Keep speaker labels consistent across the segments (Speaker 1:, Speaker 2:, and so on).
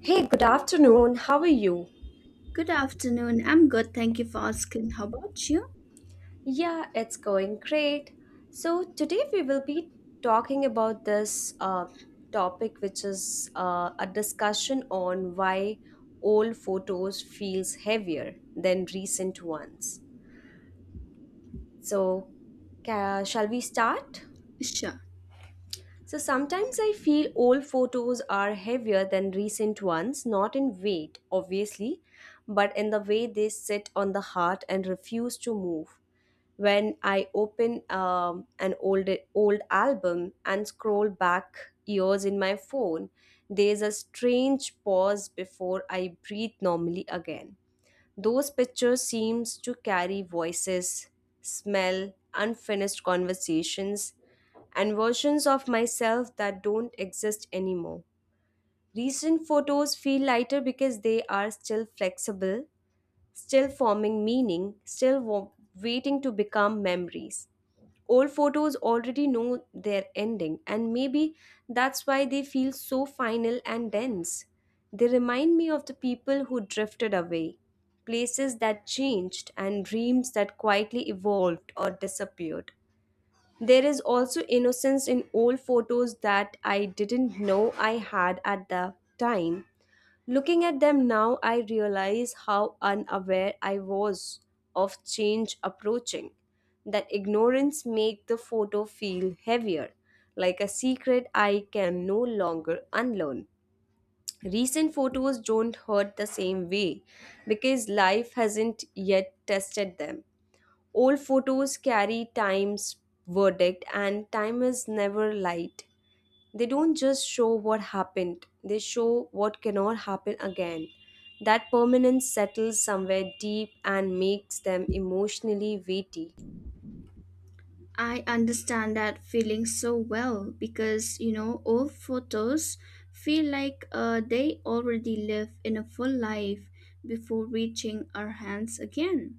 Speaker 1: Hey, good afternoon. How are you?
Speaker 2: Good afternoon. I'm good. Thank you for asking. How about you?
Speaker 1: Yeah, it's going great. So, today we will be talking about this topic, which is a discussion on why old photos feels heavier than recent ones. So, shall we start?
Speaker 2: Sure.
Speaker 1: So, sometimes I feel old photos are heavier than recent ones, not in weight, obviously, but in the way they sit on the heart and refuse to move when I open an old album and scroll back years in my phone, there's a strange pause before I breathe normally again. Those pictures seems to carry voices, smell, unfinished conversations, and versions of myself that don't exist anymore. Recent photos feel lighter because they are still flexible, still forming meaning, waiting to become memories. Old photos already know their ending, and maybe that's why they feel so final and dense. They remind me of the people who drifted away, places that changed, and dreams that quietly evolved or disappeared. There is also innocence in old photos that I didn't know I had at the time. Looking at them now, I realize how unaware I was of change approaching. That ignorance made the photo feel heavier, like a secret I can no longer unlearn. Recent photos don't hurt the same way because life hasn't yet tested them. Old photos carry time's verdict, and time is never light. They don't just show what happened, they show what cannot happen again. That permanence settles somewhere deep and makes them emotionally weighty.
Speaker 2: I understand that feeling so well because, you know, old photos feel like they already live in a full life before reaching our hands again.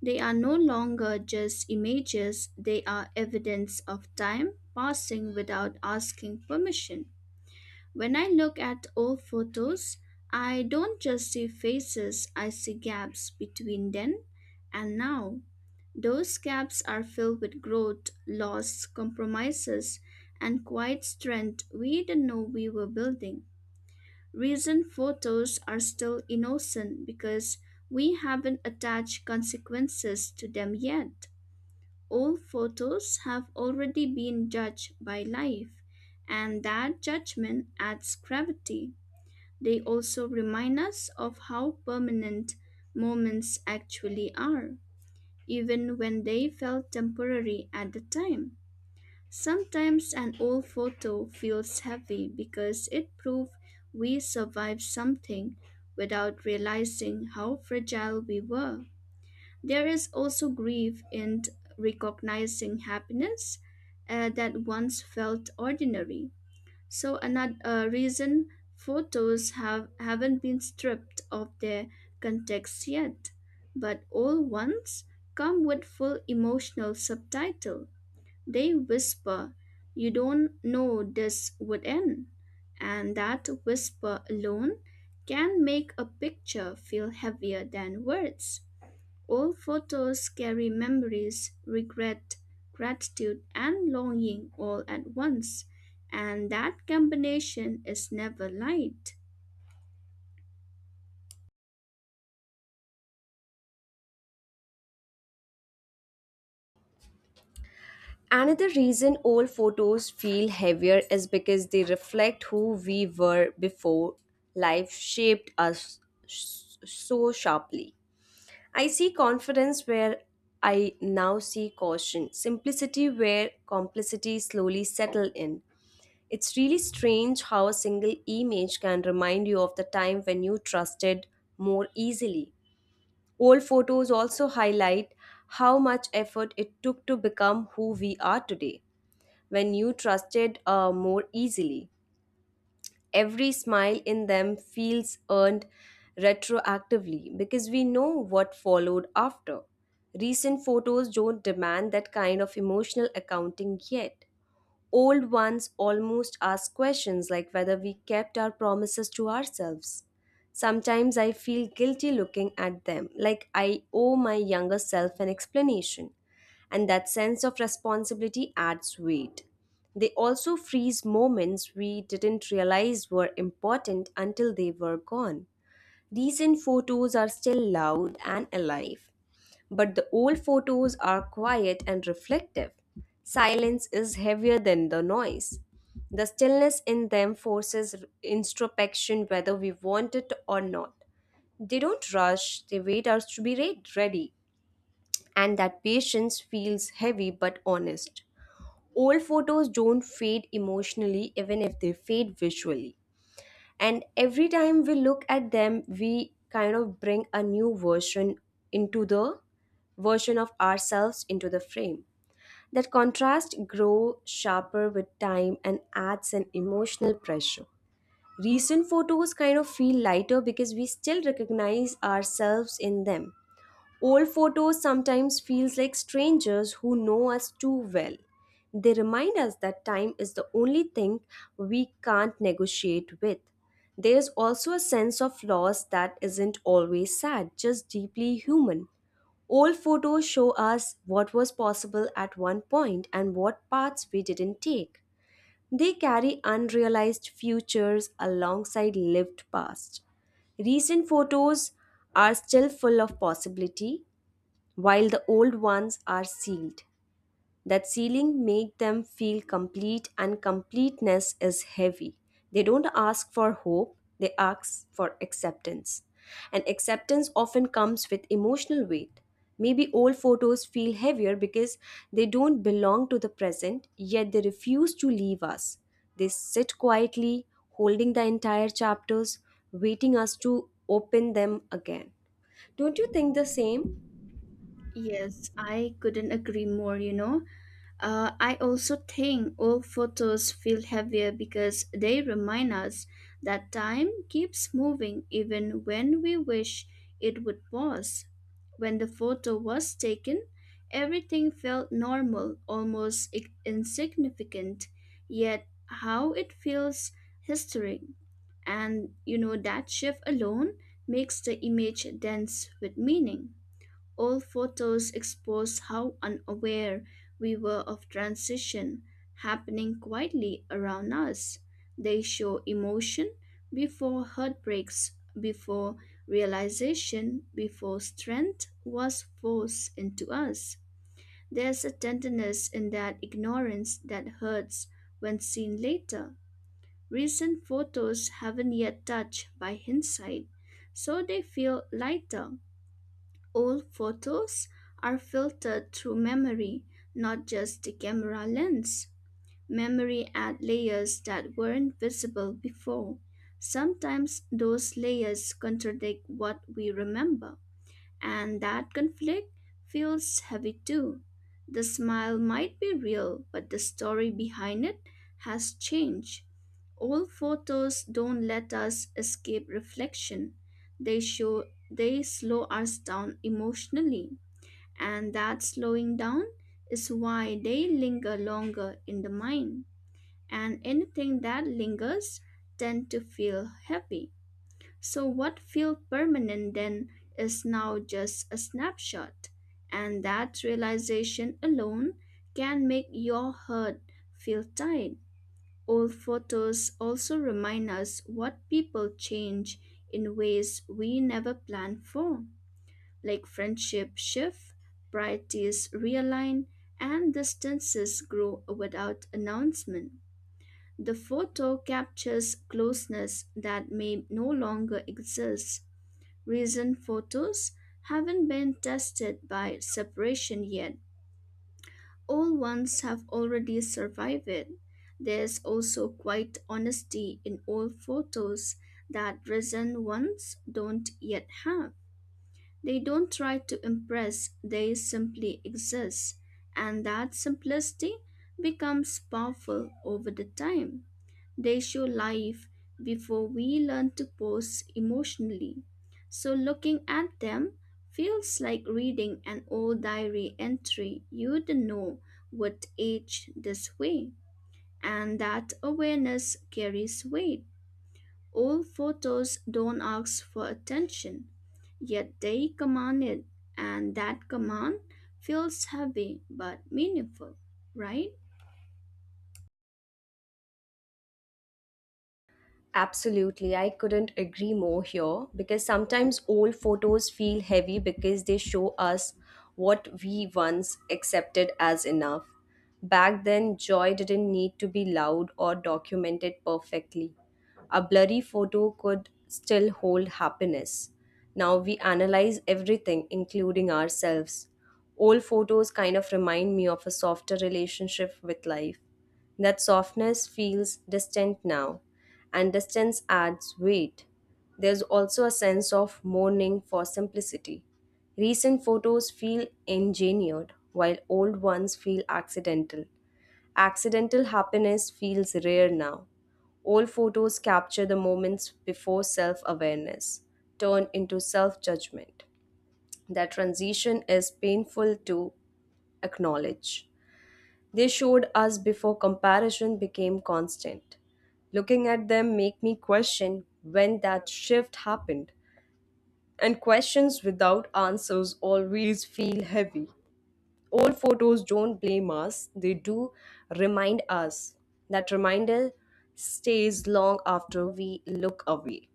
Speaker 2: They are no longer just images, they are evidence of time passing without asking permission. When I look at old photos, I don't just see faces, I see gaps between then and now. Those gaps are filled with growth, loss, compromises, and quiet strength we didn't know we were building. Recent photos are still innocent because we haven't attached consequences to them yet. Old photos have already been judged by life, and that judgment adds gravity. They also remind us of how permanent moments actually are, even when they felt temporary at the time. Sometimes an old photo feels heavy because it proved we survived something without realizing how fragile we were. There is also grief in recognizing happiness that once felt ordinary. So another reason photos have haven't been stripped of their context yet, but all ones come with full emotional subtitle. They whisper, "You don't know this would end," and that whisper alone can make a picture feel heavier than words. Old photos carry memories, regret, gratitude, and longing all at once, and that combination is never light.
Speaker 1: Another reason old photos feel heavier is because they reflect who we were before life shaped us so sharply. I see confidence where I now see caution, simplicity where complicity slowly settled in. It's really strange how a single image can remind you of the time when you trusted more easily. Old photos also highlight how much effort it took to become who we are today when you trusted more easily. Every smile in them feels earned retroactively because we know what followed after. Recent photos don't demand that kind of emotional accounting yet. Old ones almost ask questions like whether we kept our promises to ourselves. Sometimes I feel guilty looking at them, like I owe my younger self an explanation, and that sense of responsibility adds weight. They also freeze moments we didn't realize were important until they were gone. Recent photos are still loud and alive, but the old photos are quiet and reflective. Silence is heavier than the noise. The stillness in them forces introspection whether we want it or not. They don't rush, they wait us to be ready. And that patience feels heavy but honest. Old photos don't fade emotionally even if they fade visually, and every time we look at them we kind of bring a new version into the version of ourselves into the frame. That contrast grows sharper with time and adds an emotional pressure. Recent photos kind of feel lighter because we still recognize ourselves in them. Old photos sometimes feels like strangers who know us too well. They remind us that time is the only thing we can't negotiate with. There's also a sense of loss that isn't always sad, just deeply human. Old photos show us what was possible at one point and what paths we didn't take. They carry unrealized futures alongside lived past. Recent photos are still full of possibility, while the old ones are sealed. That sealing made them feel complete, and completeness is heavy. They don't ask for hope, they ask for acceptance. And acceptance often comes with emotional weight. Maybe old photos feel heavier because they don't belong to the present, yet they refuse to leave us. They sit quietly, holding the entire chapters, waiting us to open them again. Don't you think the same?
Speaker 2: Yes, I couldn't agree more, you know. I also think old photos feel heavier because they remind us that time keeps moving even when we wish it would pause. When the photo was taken, everything felt normal, almost insignificant, yet how it feels historic. And you know, that shift alone makes the image dense with meaning. Old photos expose how unaware we were of transition happening quietly around us. They show emotion before heartbreaks, before realization, before strength was forced into us. There's a tenderness in that ignorance that hurts when seen later. Recent photos haven't yet touched by hindsight, so they feel lighter. Old photos are filtered through memory, not just the camera lens. Memory adds layers that weren't visible before. Sometimes those layers contradict what we remember. And that conflict feels heavy too. The smile might be real, but the story behind it has changed. Old photos don't let us escape reflection. They show they slow us down emotionally, and that slowing down is why they linger longer in the mind. And anything that lingers tend to feel heavy. So, what felt permanent then is now just a snapshot, and that realization alone can make your heart feel tight. Old photos also remind us what people change in ways we never planned for, like friendship shift, priorities realign, and distances grow without announcement. The photo captures closeness that may no longer exist. Recent photos haven't been tested by separation yet. Old ones have already survived it. There's also quite honesty in old photos that recent ones don't yet have. They don't try to impress, they simply exist. And that simplicity becomes powerful over the time. They show life before we learn to pause emotionally. So looking at them feels like reading an old diary entry. You don't know what age this way, and that awareness carries weight. Old photos don't ask for attention, yet they command it, and that command feels heavy but meaningful, right?
Speaker 1: Absolutely, I couldn't agree more here because sometimes old photos feel heavy because they show us what we once accepted as enough. Back then, joy didn't need to be loud or documented perfectly. A blurry photo could still hold happiness. Now we analyze everything, including ourselves. Old photos kind of remind me of a softer relationship with life. That softness feels distant now, and distance adds weight. There's also a sense of mourning for simplicity. Recent photos feel engineered, while old ones feel accidental. Accidental happiness feels rare now. Old photos capture the moments before self awareness, turn into self judgment. That transition is painful to acknowledge. They showed us before comparison became constant. Looking at them make me question when that shift happened. And questions without answers always feel heavy. Old photos don't blame us, they do remind us. That reminder stays long after we look away.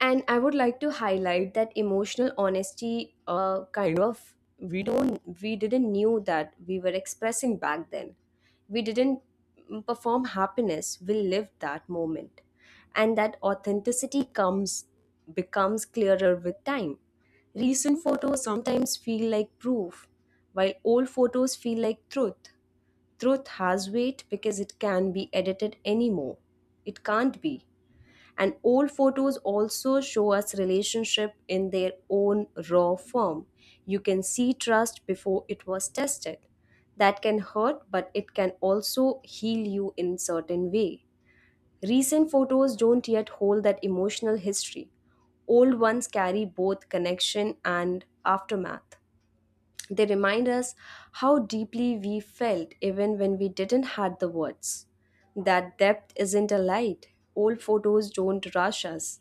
Speaker 1: And I would like to highlight that emotional honesty kind of we didn't knew that we were expressing back then. We didn't perform happiness, we lived that moment. And that authenticity comes becomes clearer with time. Recent photos sometimes feel like proof, while old photos feel like truth. Truth has weight because it can be edited anymore. It can't be, and old photos also show us relationship in their own raw form. You can see trust before it was tested. That can hurt, but it can also heal you in certain way. Recent photos don't yet hold that emotional history. Old ones carry both connection and aftermath. They remind us how deeply we felt even when we didn't had the words. That depth isn't a light. Old photos don't rush us.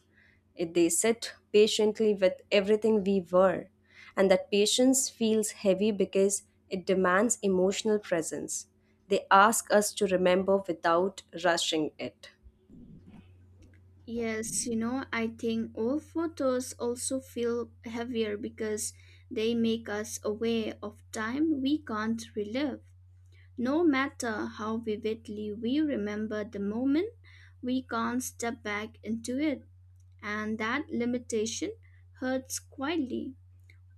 Speaker 1: They sit patiently with everything we were. And that patience feels heavy because it demands emotional presence. They ask us to remember without rushing it.
Speaker 2: Yes, you know, I think old photos also feel heavier because they make us aware of time we can't relive. No matter how vividly we remember the moment, we can't step back into it, and that limitation hurts quietly.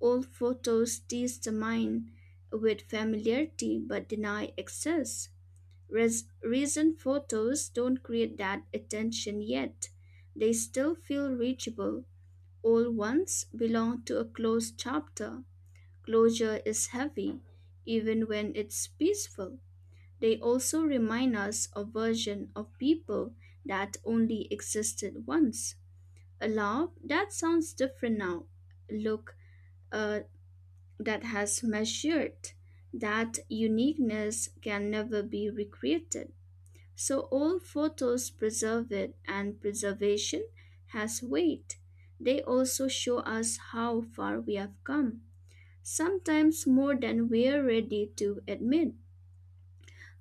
Speaker 2: Old photos tease the mind with familiarity but deny access. Recent photos don't create that attention yet. They still feel reachable. Old ones belong to a closed chapter. Closure is heavy, even when it's peaceful. They also remind us of version of people that only existed once. A love that sounds different now. Look, uh, that has measured. That uniqueness can never be recreated. So old photos preserve it, and preservation has weight. They also show us how far we have come, sometimes more than we're ready to admit.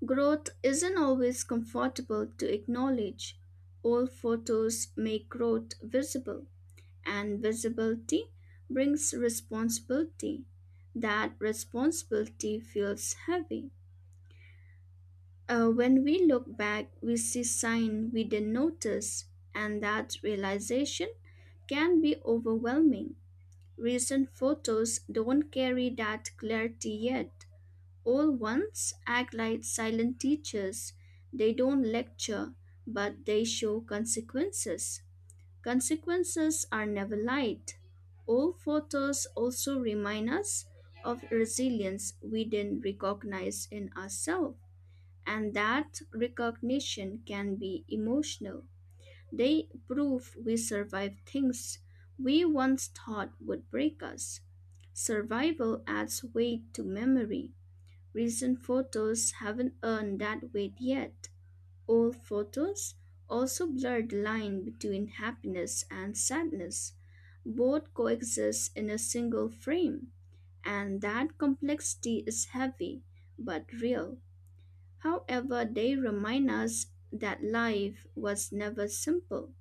Speaker 2: Growth isn't always comfortable to acknowledge. Old photos make growth visible, and visibility brings responsibility. That responsibility feels heavy. When we look back, we see signs we didn't notice, and that realization can be overwhelming. Recent photos don't carry that clarity yet. Old ones act like silent teachers. They don't lecture, but they show consequences. Consequences are never light. Old photos also remind us of resilience we didn't recognize in ourselves, and that recognition can be emotional. They prove we survive things we once thought would break us. Survival adds weight to memory. Recent photos haven't earned that weight yet. Old photos also blur the line between happiness and sadness. Both coexist in a single frame, and that complexity is heavy but real. However, they remind us that life was never simple,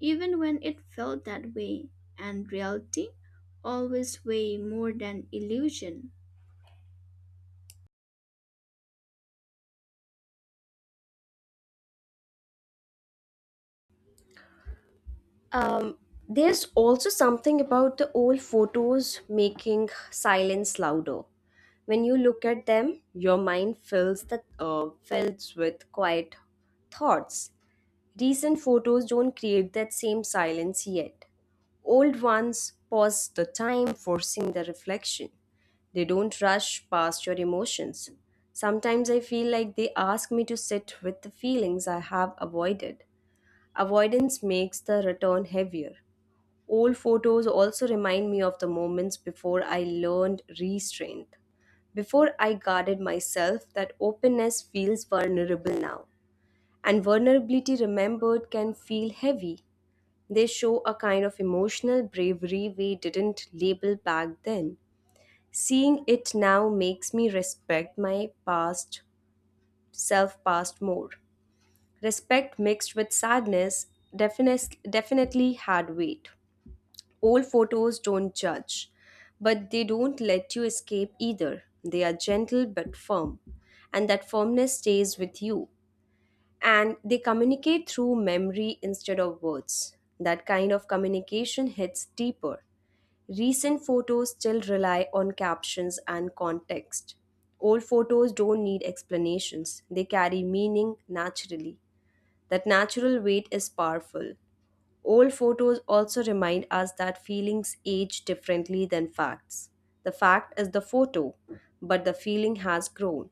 Speaker 2: even when it felt that way, and reality always way more than illusion.
Speaker 1: Um, there's also something about the old photos making silence louder. When you look at them, your mind fills the fills with quiet thoughts. Recent photos don't create that same silence yet. Old ones pause the time, forcing the reflection. They don't rush past your emotions. Sometimes I feel like they ask me to sit with the feelings I have avoided. Avoidance makes the return heavier. Old photos also remind me of the moments before I learned restraint. Before I guarded myself, that openness feels vulnerable now. And vulnerability remembered can feel heavy. They show a kind of emotional bravery we didn't label back then. Seeing it now makes me respect my past self past more. Respect mixed with sadness definitely had weight. Old photos don't judge, but they don't let you escape either. They are gentle but firm, and that firmness stays with you. And they communicate through memory instead of words. That kind of communication hits deeper. Recent photos still rely on captions and context. Old photos don't need explanations, they carry meaning naturally. That natural weight is powerful. Old photos also remind us that feelings age differently than facts. The fact is the photo, but the feeling has grown.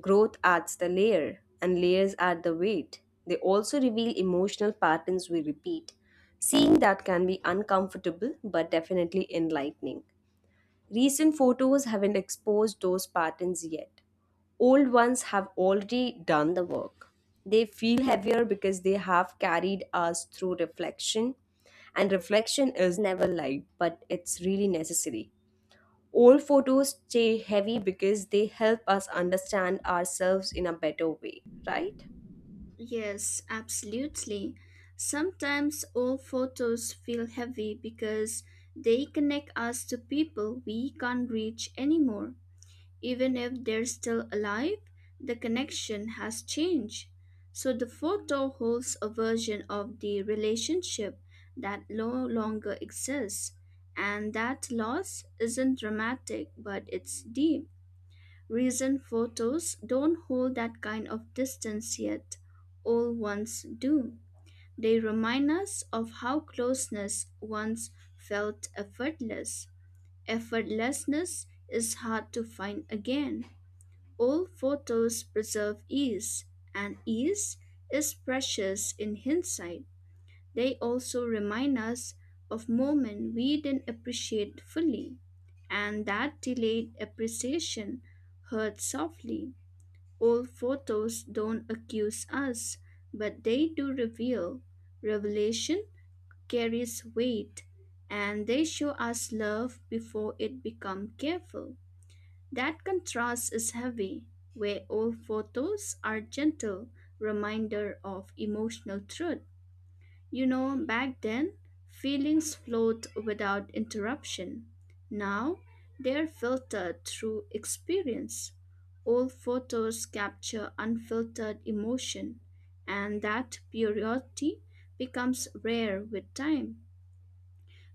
Speaker 1: Growth adds the layer, and layers add the weight. They also reveal emotional patterns we repeat. Seeing that can be uncomfortable but definitely enlightening. Recent photos haven't exposed those patterns yet. Old ones have already done the work. They feel heavier because they have carried us through reflection, and reflection is never light, but it's really necessary. Old photos stay heavy because they help us understand ourselves in a better way, right?
Speaker 2: Yes, absolutely. Sometimes old photos feel heavy because they connect us to people we can't reach anymore. Even if they're still alive, the connection has changed. So the photo holds a version of the relationship that no longer exists. And that loss isn't dramatic, but it's deep. Recent photos don't hold that kind of distance yet. Old ones do. They remind us of how closeness once felt effortless. Effortlessness is hard to find again. Old photos preserve ease, and ease is precious in hindsight. They also remind us of moments we didn't appreciate fully, and that delayed appreciation hurts softly. Old photos don't accuse us, but they do reveal. Revelation carries weight, and they show us love before it becomes careful. That contrast is heavy, where old photos are gentle reminder of emotional truth. You know, back then, feelings flowed without interruption. Now, they're filtered through experience. Old photos capture unfiltered emotion, and that purity becomes rare with time.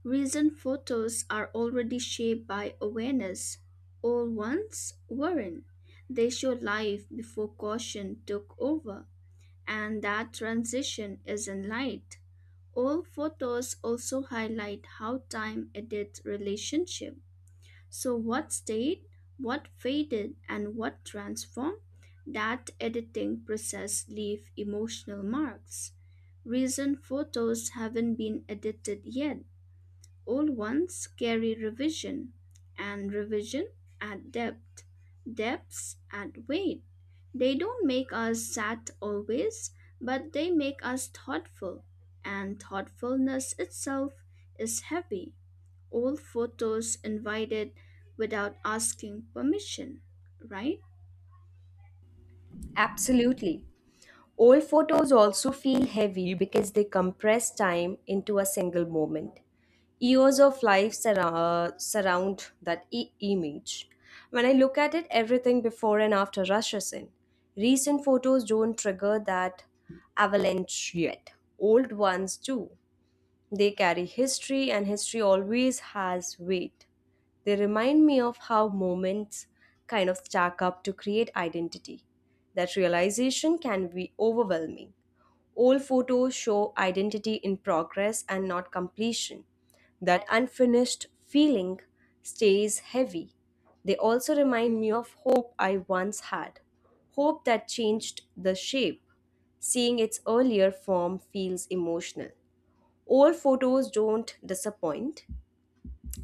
Speaker 2: Recent photos are already shaped by awareness. Old ones weren't. They show life before caution took over, and that transition isn't light. Old photos also highlight how time edits relationship. So what stayed, what faded, and what transformed? That editing process leave emotional marks. Recent photos haven't been edited yet. Old ones carry revision, and revision at depth, depths at weight. They don't make us sad always, but they make us thoughtful, and thoughtfulness itself is heavy. Old photos invited without asking permission, right?
Speaker 1: Absolutely. Old photos also feel heavy because they compress time into a single moment. Years of life surround that image. When I look at it, everything before and after rushes in. Recent photos don't trigger that avalanche yet. Old ones do. They carry history, and history always has weight. They remind me of how moments kind of stack up to create identity. That realization can be overwhelming. Old photos show identity in progress and not completion. That unfinished feeling stays heavy. They also remind me of hope I once had, hope that changed the shape. Seeing its earlier form feels emotional. Old photos don't disappoint.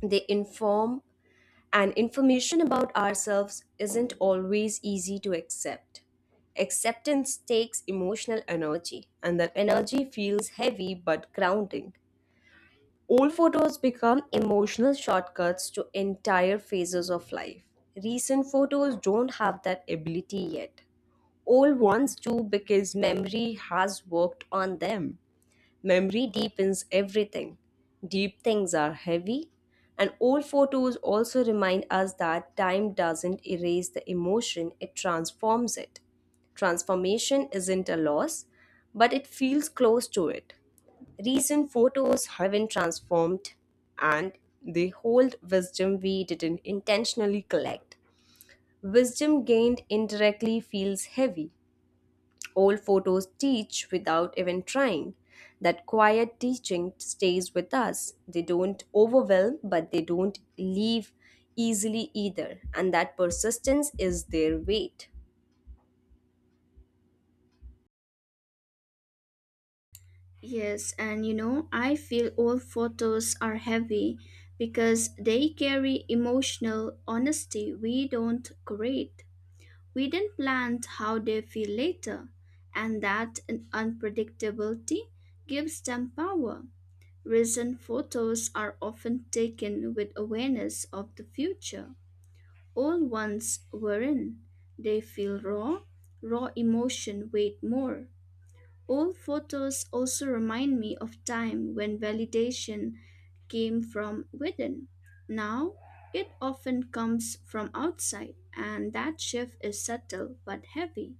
Speaker 1: They inform, and information about ourselves isn't always easy to accept. Acceptance takes emotional energy, and that energy feels heavy but grounding. Old photos become emotional shortcuts to entire phases of life. Recent photos don't have that ability yet. Old ones do because memory has worked on them. Memory deepens everything. Deep things are heavy, and old photos also remind us that time doesn't erase the emotion, it transforms it. Transformation isn't a loss, but it feels close to it. Recent photos haven't transformed, and they hold wisdom we didn't intentionally collect. Wisdom gained indirectly feels heavy. Old photos teach without even trying. That quiet teaching stays with us. They don't overwhelm, but they don't leave easily either. And that persistence is their weight.
Speaker 2: Yes, and you know, I feel old photos are heavy because they carry emotional honesty we don't create. We didn't plan how they feel later, and that unpredictability gives them power. Recent photos are often taken with awareness of the future. Old ones weren't. They feel raw. Raw emotion weight more. Old photos also remind me of time when validation came from within. Now, it often comes from outside, and that shift is subtle but heavy.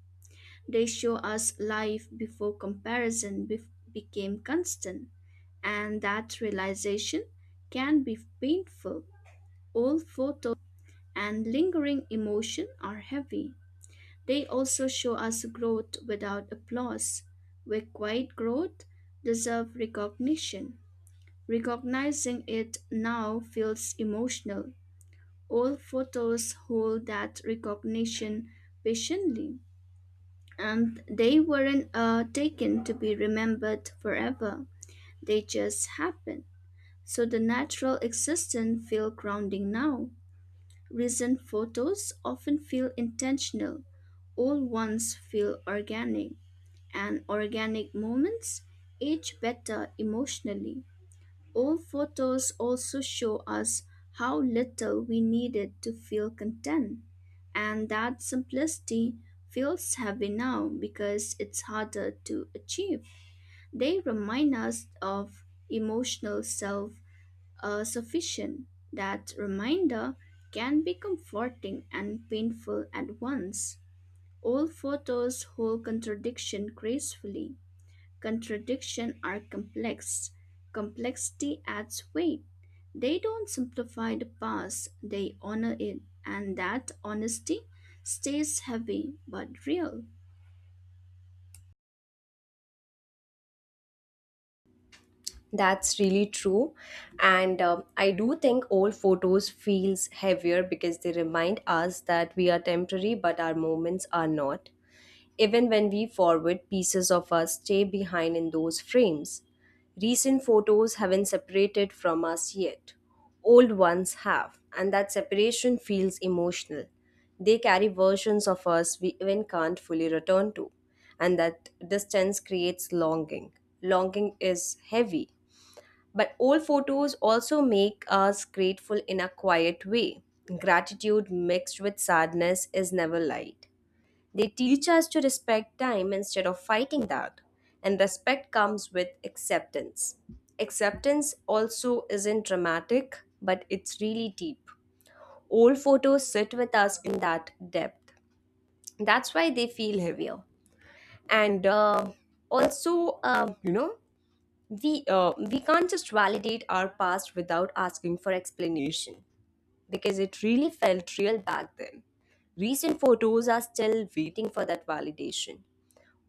Speaker 2: They show us life before comparison became constant, and that realization can be painful. Old photos and lingering emotion are heavy. They also show us growth without applause, where quiet growth deserves recognition. Recognizing it now feels emotional. Old photos hold that recognition patiently, and they weren't taken to be remembered forever. They just happened. So the natural existence feel grounding now. Recent photos often feel intentional. Old ones feel organic. And organic moments age better emotionally. Old photos also show us how little we needed to feel content, and that simplicity feels heavy now because it's harder to achieve. They remind us of emotional self, sufficient. That reminder can be comforting and painful at once. Old photos hold contradiction gracefully. Contradictions are complex. Complexity adds weight. They don't simplify the past, they honor it, and that honesty stays heavy but real.
Speaker 1: That's really true. And I do think old photos feels heavier because they remind us that we are temporary, but our moments are not. Even when we forward, pieces of us stay behind in those frames. Recent photos haven't separated from us yet. Old ones have, and that separation feels emotional. They carry versions of us we even can't fully return to, and that distance creates longing. Longing is heavy, but old photos also make us grateful in a quiet way. Gratitude mixed with sadness is never light. They teach us to respect time instead of fighting that. And respect comes with acceptance. Acceptance also isn't dramatic, but it's really deep. Old photos sit with us in that depth. That's why they feel heavier. And also, you know, we can't just validate our past without asking for explanation because it really felt real back then. Recent photos are still waiting for that validation.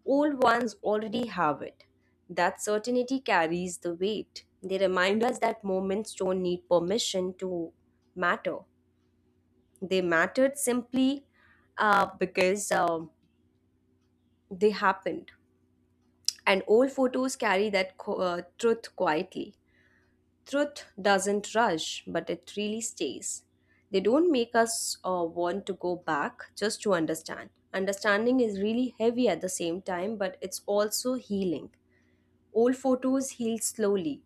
Speaker 1: Old ones already have it. That certainty carries the weight. They remind us that moments don't need permission to matter. They mattered simply because they happened. And old photos carry that truth quietly. Truth doesn't rush, but it really stays. They don't make us want to go back just to understand. Understanding is really heavy at the same time, but it's also healing. Old photos heal slowly,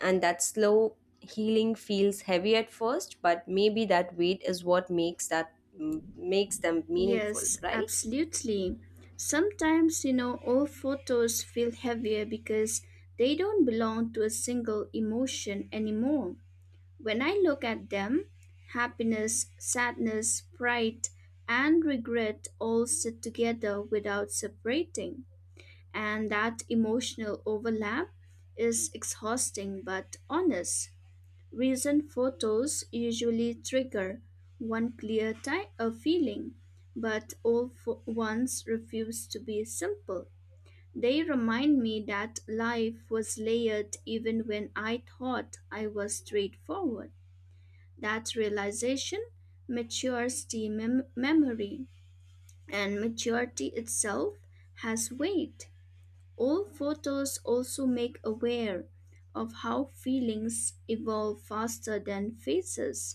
Speaker 1: and that slow healing feels heavy at first, but maybe that weight is what makes that makes them meaningful,
Speaker 2: Yes,
Speaker 1: right?
Speaker 2: absolutely. Sometimes, you know, old photos feel heavier because they don't belong to a single emotion anymore. When I look at them, happiness, sadness, pride, and regret all sit together without separating. And that emotional overlap is exhausting but honest. Recent photos usually trigger one clear type of feeling, but old ones refuse to be simple. They remind me that life was layered even when I thought I was straightforward. That realization matures the memory, and maturity itself has weight. Old photos also make aware of how feelings evolve faster than faces.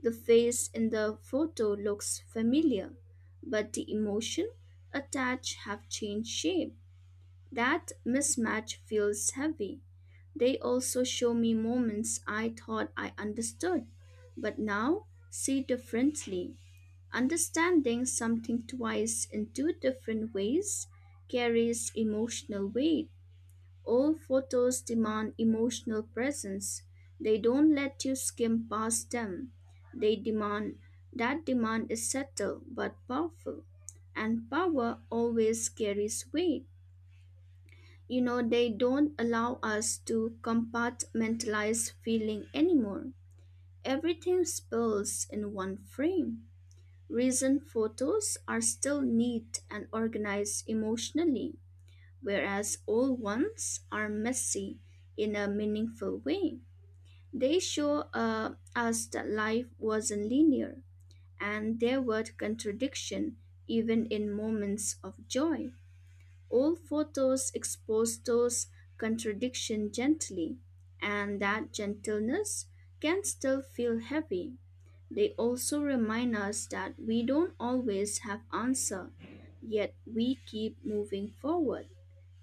Speaker 2: The face in the photo looks familiar, but the emotion attached have changed shape. That mismatch feels heavy. They also show me moments I thought I understood, but now see differently. Understanding something twice in two different ways carries emotional weight. Old photos demand emotional presence. They don't let you skim past them. They demand that demand is subtle but powerful, and power always carries weight. You know, they don't allow us to compartmentalize feeling anymore. Everything spills in one frame. Recent photos are still neat and organized emotionally, whereas old ones are messy in a meaningful way. They show us that life wasn't linear and there were contradiction even in moments of joy. Old photos expose those contradictions gently, and that gentleness can still feel heavy. They also remind us that we don't always have answer, yet we keep moving forward,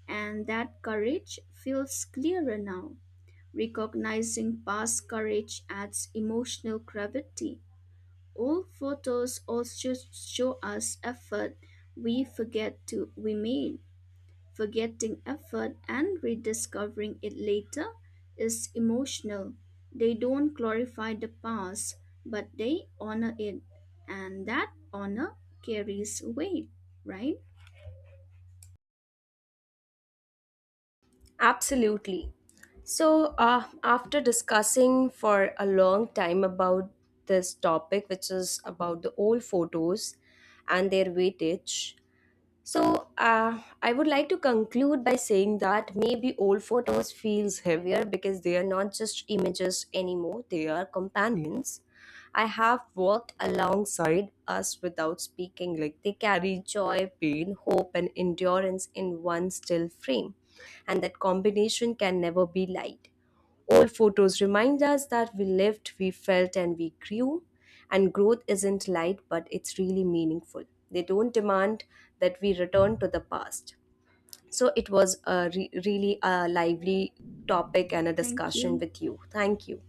Speaker 2: and that courage feels clearer now. Recognizing past courage adds emotional gravity. Old photos also show us effort we made. Forgetting effort and rediscovering it later is emotional. They don't glorify the past, but they honor it, and that honor carries weight, right?
Speaker 1: Absolutely. So, after discussing for a long time about this topic, which is about the old photos and their weightage, so, I would like to conclude by saying that maybe old photos feels heavier because they are not just images anymore, they are companions. I have walked alongside us without speaking, like they carry joy, pain, hope, and endurance in one still frame, and that combination can never be light. Old photos remind us that we lived, we felt, and we grew. And growth isn't light, but it's really meaningful. They don't demand that we return to the past. So it was a really a lively topic and a
Speaker 2: Thank
Speaker 1: discussion
Speaker 2: you.
Speaker 1: with you. Thank you.